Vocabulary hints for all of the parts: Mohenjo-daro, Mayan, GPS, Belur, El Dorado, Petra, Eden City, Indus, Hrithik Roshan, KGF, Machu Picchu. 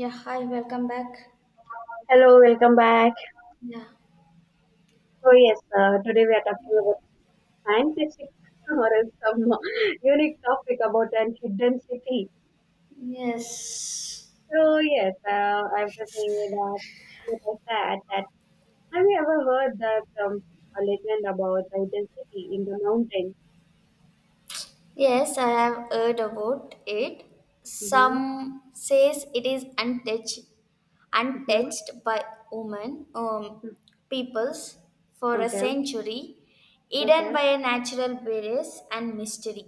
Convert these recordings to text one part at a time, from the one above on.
Yeah, hi, welcome back. Hello, welcome back. Yeah. So yes, today we are talking about scientific or else some unique topic about an hidden city. Yes. So yes, I was just saying that what I said that have you ever heard that a legend about the hidden city in the mountains? Yes, I have heard about it. Mm-hmm. Some says it is untouched, Mm-hmm. untouched by women, peoples for Mm-hmm. a Okay. century, hidden Okay. by a natural barriers and mystery.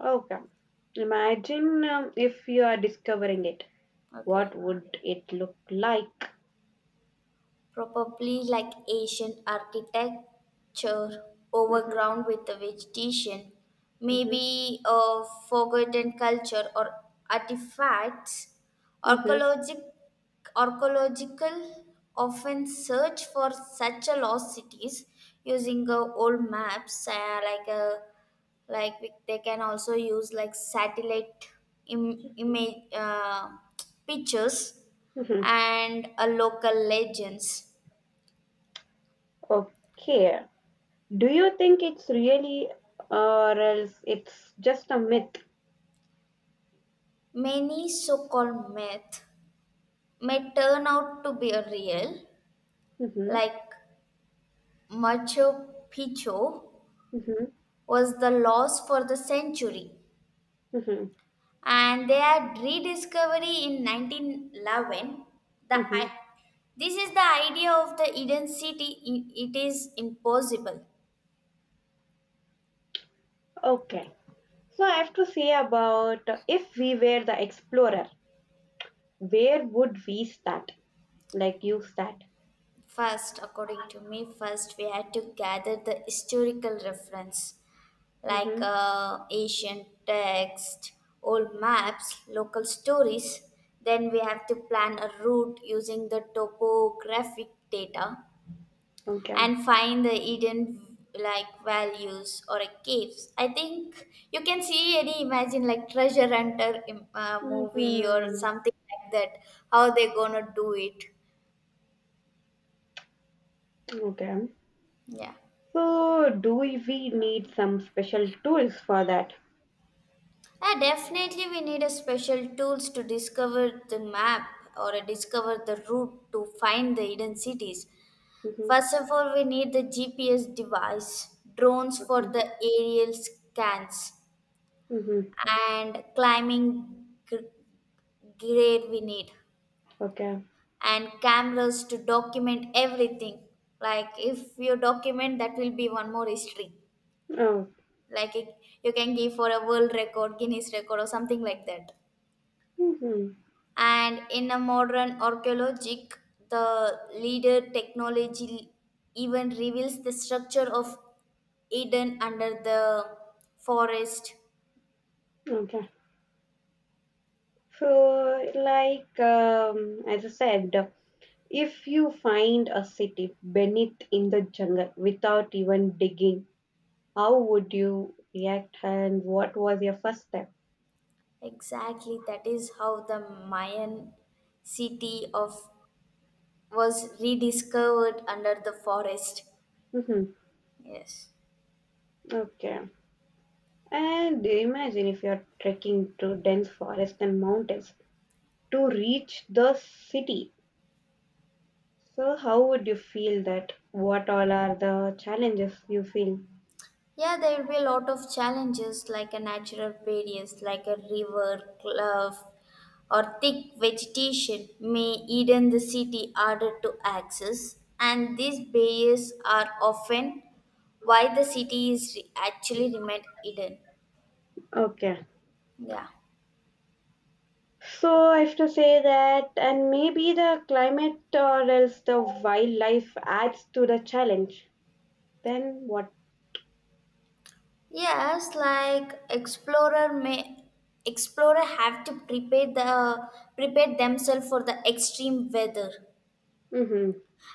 Okay. Imagine if you are discovering it. Okay. What would it look like? Probably like ancient architecture Mm-hmm. overground with the vegetation, Mm-hmm. maybe a forgotten culture or artifacts. Mm-hmm. Archaeologic, archaeological often search for such a lost cities using old maps, like a they can also use like satellite image pictures Mm-hmm. and a local legends. Okay. Do you think it's really or else it's just a myth? Many so called myths may turn out to be real, Mhm, like Machu Picchu mhm, was the loss for the century, mhm, and their rediscovery in 1911. The, mhm. i- this is the idea of the Eden City. It is impossible. Okay. So I have to say about if we were the explorer, where would we start? Like you start. First, according to me, first we had to gather the historical reference like Mm-hmm. Ancient text, old maps, local stories. Then we have to plan a route using the topographic data Okay. and find the hidden like values or a caves. I think you can see any imagine like treasure hunter movie or Mm-hmm. something like that. How they gonna do it? Okay. Yeah. So do we need some special tools for that? Yeah, definitely we need a special tools to discover the map or discover the route to find the hidden cities. Mm-hmm. First of all, we need the GPS device, drones for Okay. the aerial scans, Mm-hmm. and grade we need Okay. and cameras to document everything like if you document that will be one more history Oh. like it, you can give for a world record guinness record or something like that. Mm-hmm. And in a modern archaeologic, the leader technology even reveals the structure of Eden under the forest. Okay. So, like as I said, if you find a city beneath in the jungle without even digging, how would you react and what was your first step? Exactly, that is how the Mayan city of was rediscovered under the forest. Mhm. Yes. Okay. And imagine if you're trekking through dense forest and mountains to reach the city. So, how would you feel that? What all are the challenges you feel? Yeah, there will be a lot of challenges like a natural barriers like a river, cliff, or thick vegetation may hidden the city harder to access, and these barriers are often why the city is actually remained hidden. Okay. Yeah. So I have to say that, and maybe the climate or else the wildlife adds to the challenge. Then what? Yes, explorer have to prepare themselves for the extreme weather Mhm.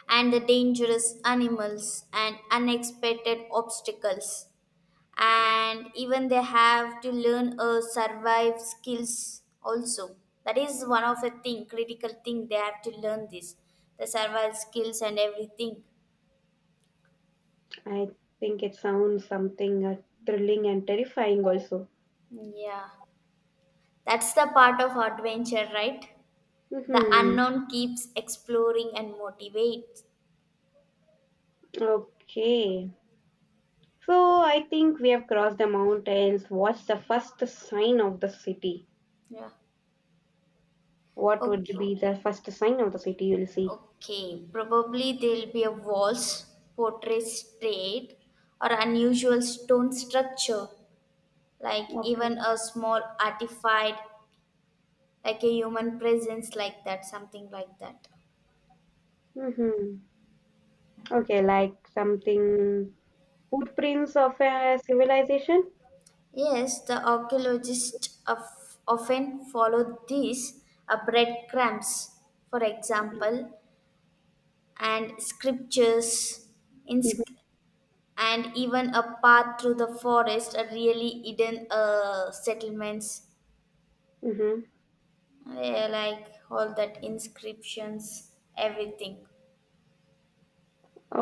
and the dangerous animals and unexpected obstacles and even they have to learn a survive skills also, that is one of the thing critical thing they have to learn this, the survival skills and everything. I think it sounds something thrilling and terrifying also. Yeah, that's the part of adventure, right? The Mhm. unknown keeps exploring and motivates. Okay. So I think we have crossed the mountains. What's the first sign of the city? Yeah. What would Okay. be the first sign of the city you'll see? Okay, probably there'll be a walls, portrait straight, or unusual stone structure, like Okay. even a small artifact, like a human presence, like that, something like that. Mhm. Okay, like something footprints of a civilization? Yes, the archaeologists of, often follow these breadcrumbs, for example, and scriptures, in, Mhm. and even a path through the forest, a really hidden settlements. Mhm. Yeah, like all that inscriptions, everything.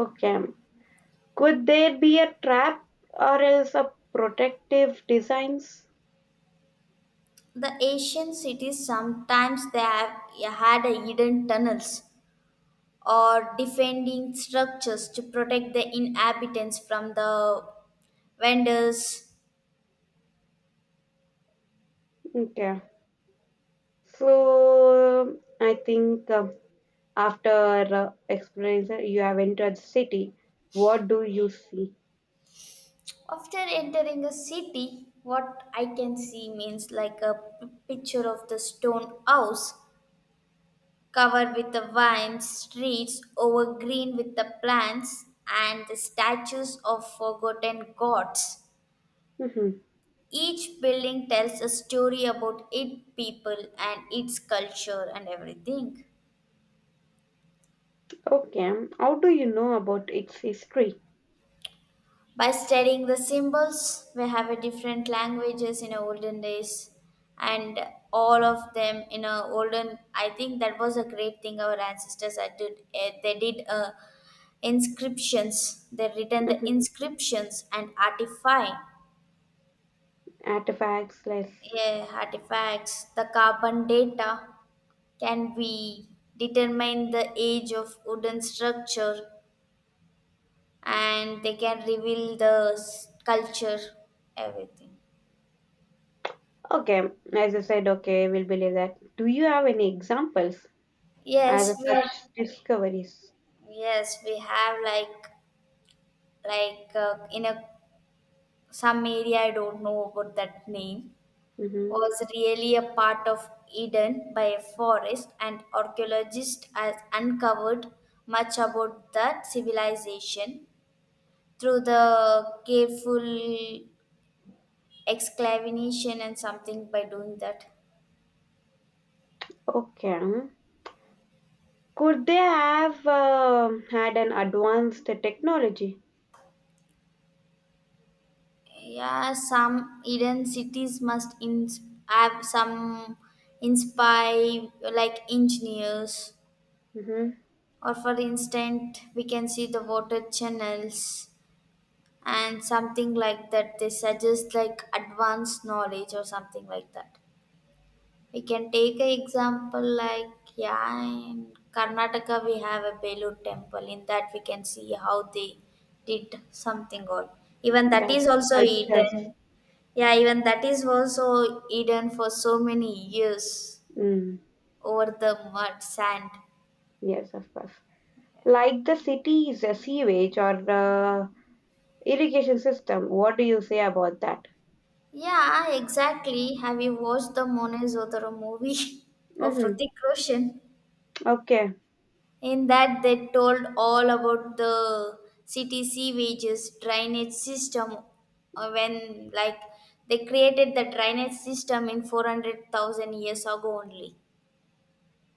Okay. Could there be a trap or else a protective designs? The ancient cities sometimes they have yeah, had a hidden tunnels or defending structures to protect the inhabitants from the vendors. Okay. So I think after experiencing you have entered the city, what do you see? After entering a city, what I can see means like a p- picture of the stone house covered with the vines, streets overgreen with the plants and the statues of forgotten gods. Hmm. Each building tells a story about its people and its culture and everything. Okay, how do you know about its history? By studying the symbols, we have a different languages in olden days and all of them in a olden, I think that was a great thing our ancestors had did, they did a. Inscriptions they written the Hmm. inscriptions and artifact. Artifacts, less. Yeah, artifacts the carbon data can be determine the age of wooden structure and they can reveal the culture everything. Okay, as I said, okay, we'll believe that. Do you have any examples as yes of we such discoveries? yes we have like in a some area I don't know about that name, Hmm. was really a part of Eden by a forest, and archaeologists has uncovered much about that civilization through the careful excavation and something by doing that. Okay, could they have had an advanced technology? Yeah, some Eden cities have some inspire like engineers, Hmm. or for instance, we can see the water channels and something like that they suggest like advanced knowledge or something like that. We can take an example like yeah in Karnataka we have a Belur temple, in that we can see how they did something or even that That is also cultures. hidden. Yeah even that is also hidden for so many years Mm, over the mud sand. yes, of course. Like the city's sewage or irrigation system. What do you say about that? Yeah exactly, have you watched the Mone Zotero movie of Mm-hmm. Hrithik Roshan? Okay. In that, they told all about the city sewages drainage system. When, like, they created the drainage system in 400,000 years ago only.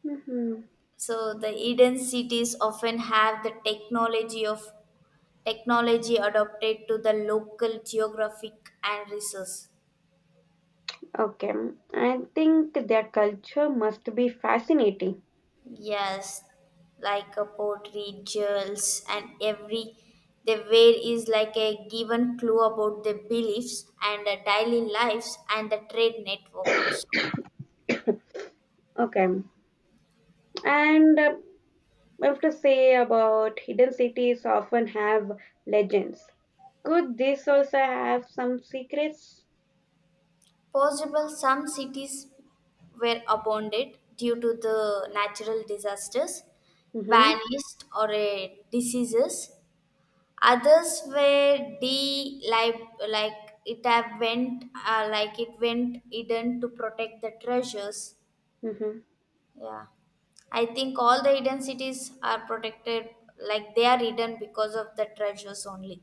Mm-hmm. So the hidden cities often have the technology adapted to the local geographic and resource. Okay. I think their culture must be fascinating. Yes, like a pottery, jewels, and every they wear is like a given clue about their beliefs and their daily lives and the trade network also. Okay. And I have to say about hidden cities often have legends. Could this also have some secrets? Possible some cities were abandoned due to the natural disasters, Mm-hmm. vanished or diseases. Others were de like it have went like it went hidden to protect the treasures. Yeah. I think all the hidden cities are protected, like they are hidden because of the treasures only.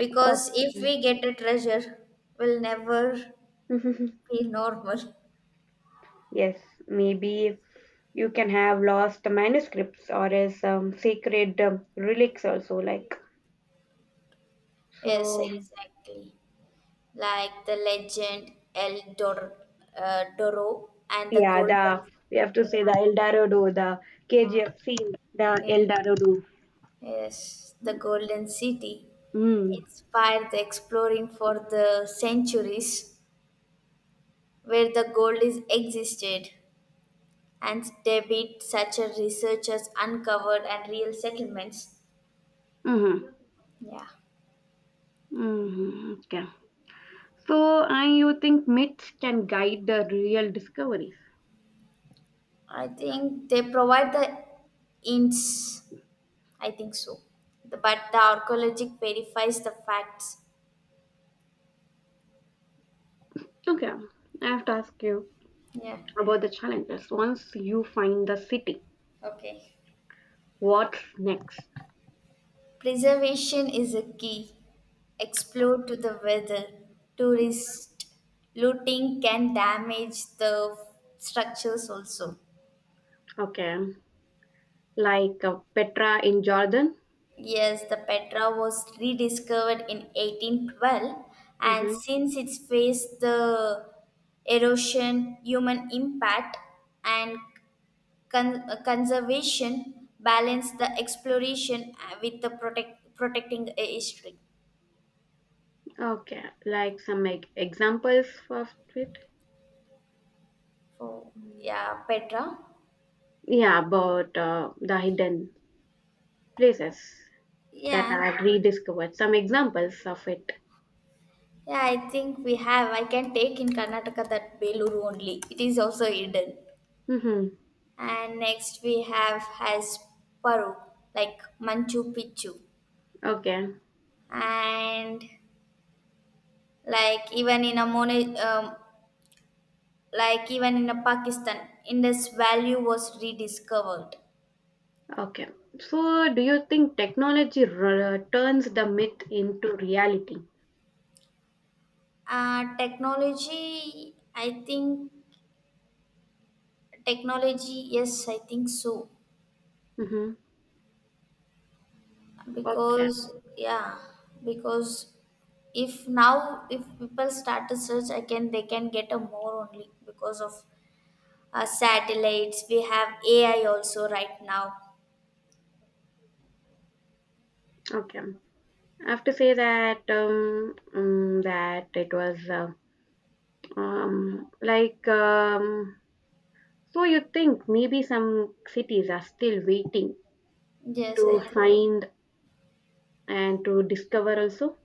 Mm-hmm. if Okay. we get a treasure, we'll never be normal. Yes, maybe you can have lost manuscripts or as sacred relics also like Yes, so yes. exactly. Like the legend Doro and the Yeah, Golden. the, we have to Yeah. say the El Dorado, the Uh, KGF scene, the yeah. El Dorado. Yes, the Golden City Mm. inspired the exploring for the centuries where the gold is existed. And debit such as research uncovered and real settlements. Mm-hmm. Yeah, Mm-hmm. Okay, so and you think myths can guide the real discoveries. I think they provide the hints. I think so. But the archaeologic verifies the facts. Okay, I have to ask you Yeah. about the challenges once you find the city, Okay. what's next? Preservation is a key. Explore to the weather. Tourist looting can damage the structures also. Okay, like Petra in Jordan. Yes, the Petra was rediscovered in 1812, and Mm-hmm. since it's faced the erosion, human impact, and conservation, balance the exploration with the protecting a history. Okay, like some like examples of it. So, Mm. yeah, Petra. Yeah, about the hidden places that Yeah, are rediscovered. Some examples of it. yeah, I think we have. I can take in Karnataka that Beluru only. It is also hidden. Mm-hmm. And next we have has Paru, like Manchu Picchu. Okay, And like even in a even in a Pakistan Indus value was rediscovered. okay. So, do you think technology turns the myth into reality? Technology I think, technology yes I think so, Mm-hmm. Okay, because yeah because if now if people start to search I can they can get a more only because of satellites, we have AI also right now. okay. I have to say that that it was like So you think maybe some cities are still waiting Yes I to think. find and to discover also?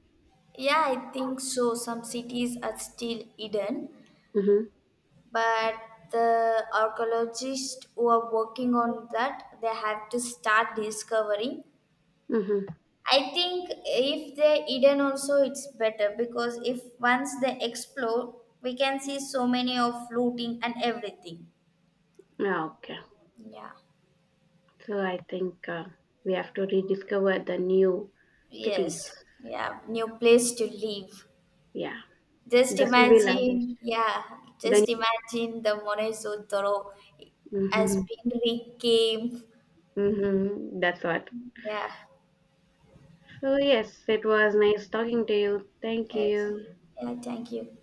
Yeah, I think so. Some cities are still hidden, Mm-hmm. but the archaeologists who are working on that, they have to start discovering. Mm-hmm. I think if they're hidden also, it's better because if once they explore, we can see so many of looting and everything. Yeah, okay. Yeah. So I think we have to rediscover the new cities. Yes. Yeah. New place to live. Yeah, Just the civilization. imagine, yeah, The just imagine the Morezo Toro as mm-hmm. been reclaimed. Mm-hmm. That's what. Yeah, So yes, it was nice talking to you. Thank yes. you. Yeah, thank you.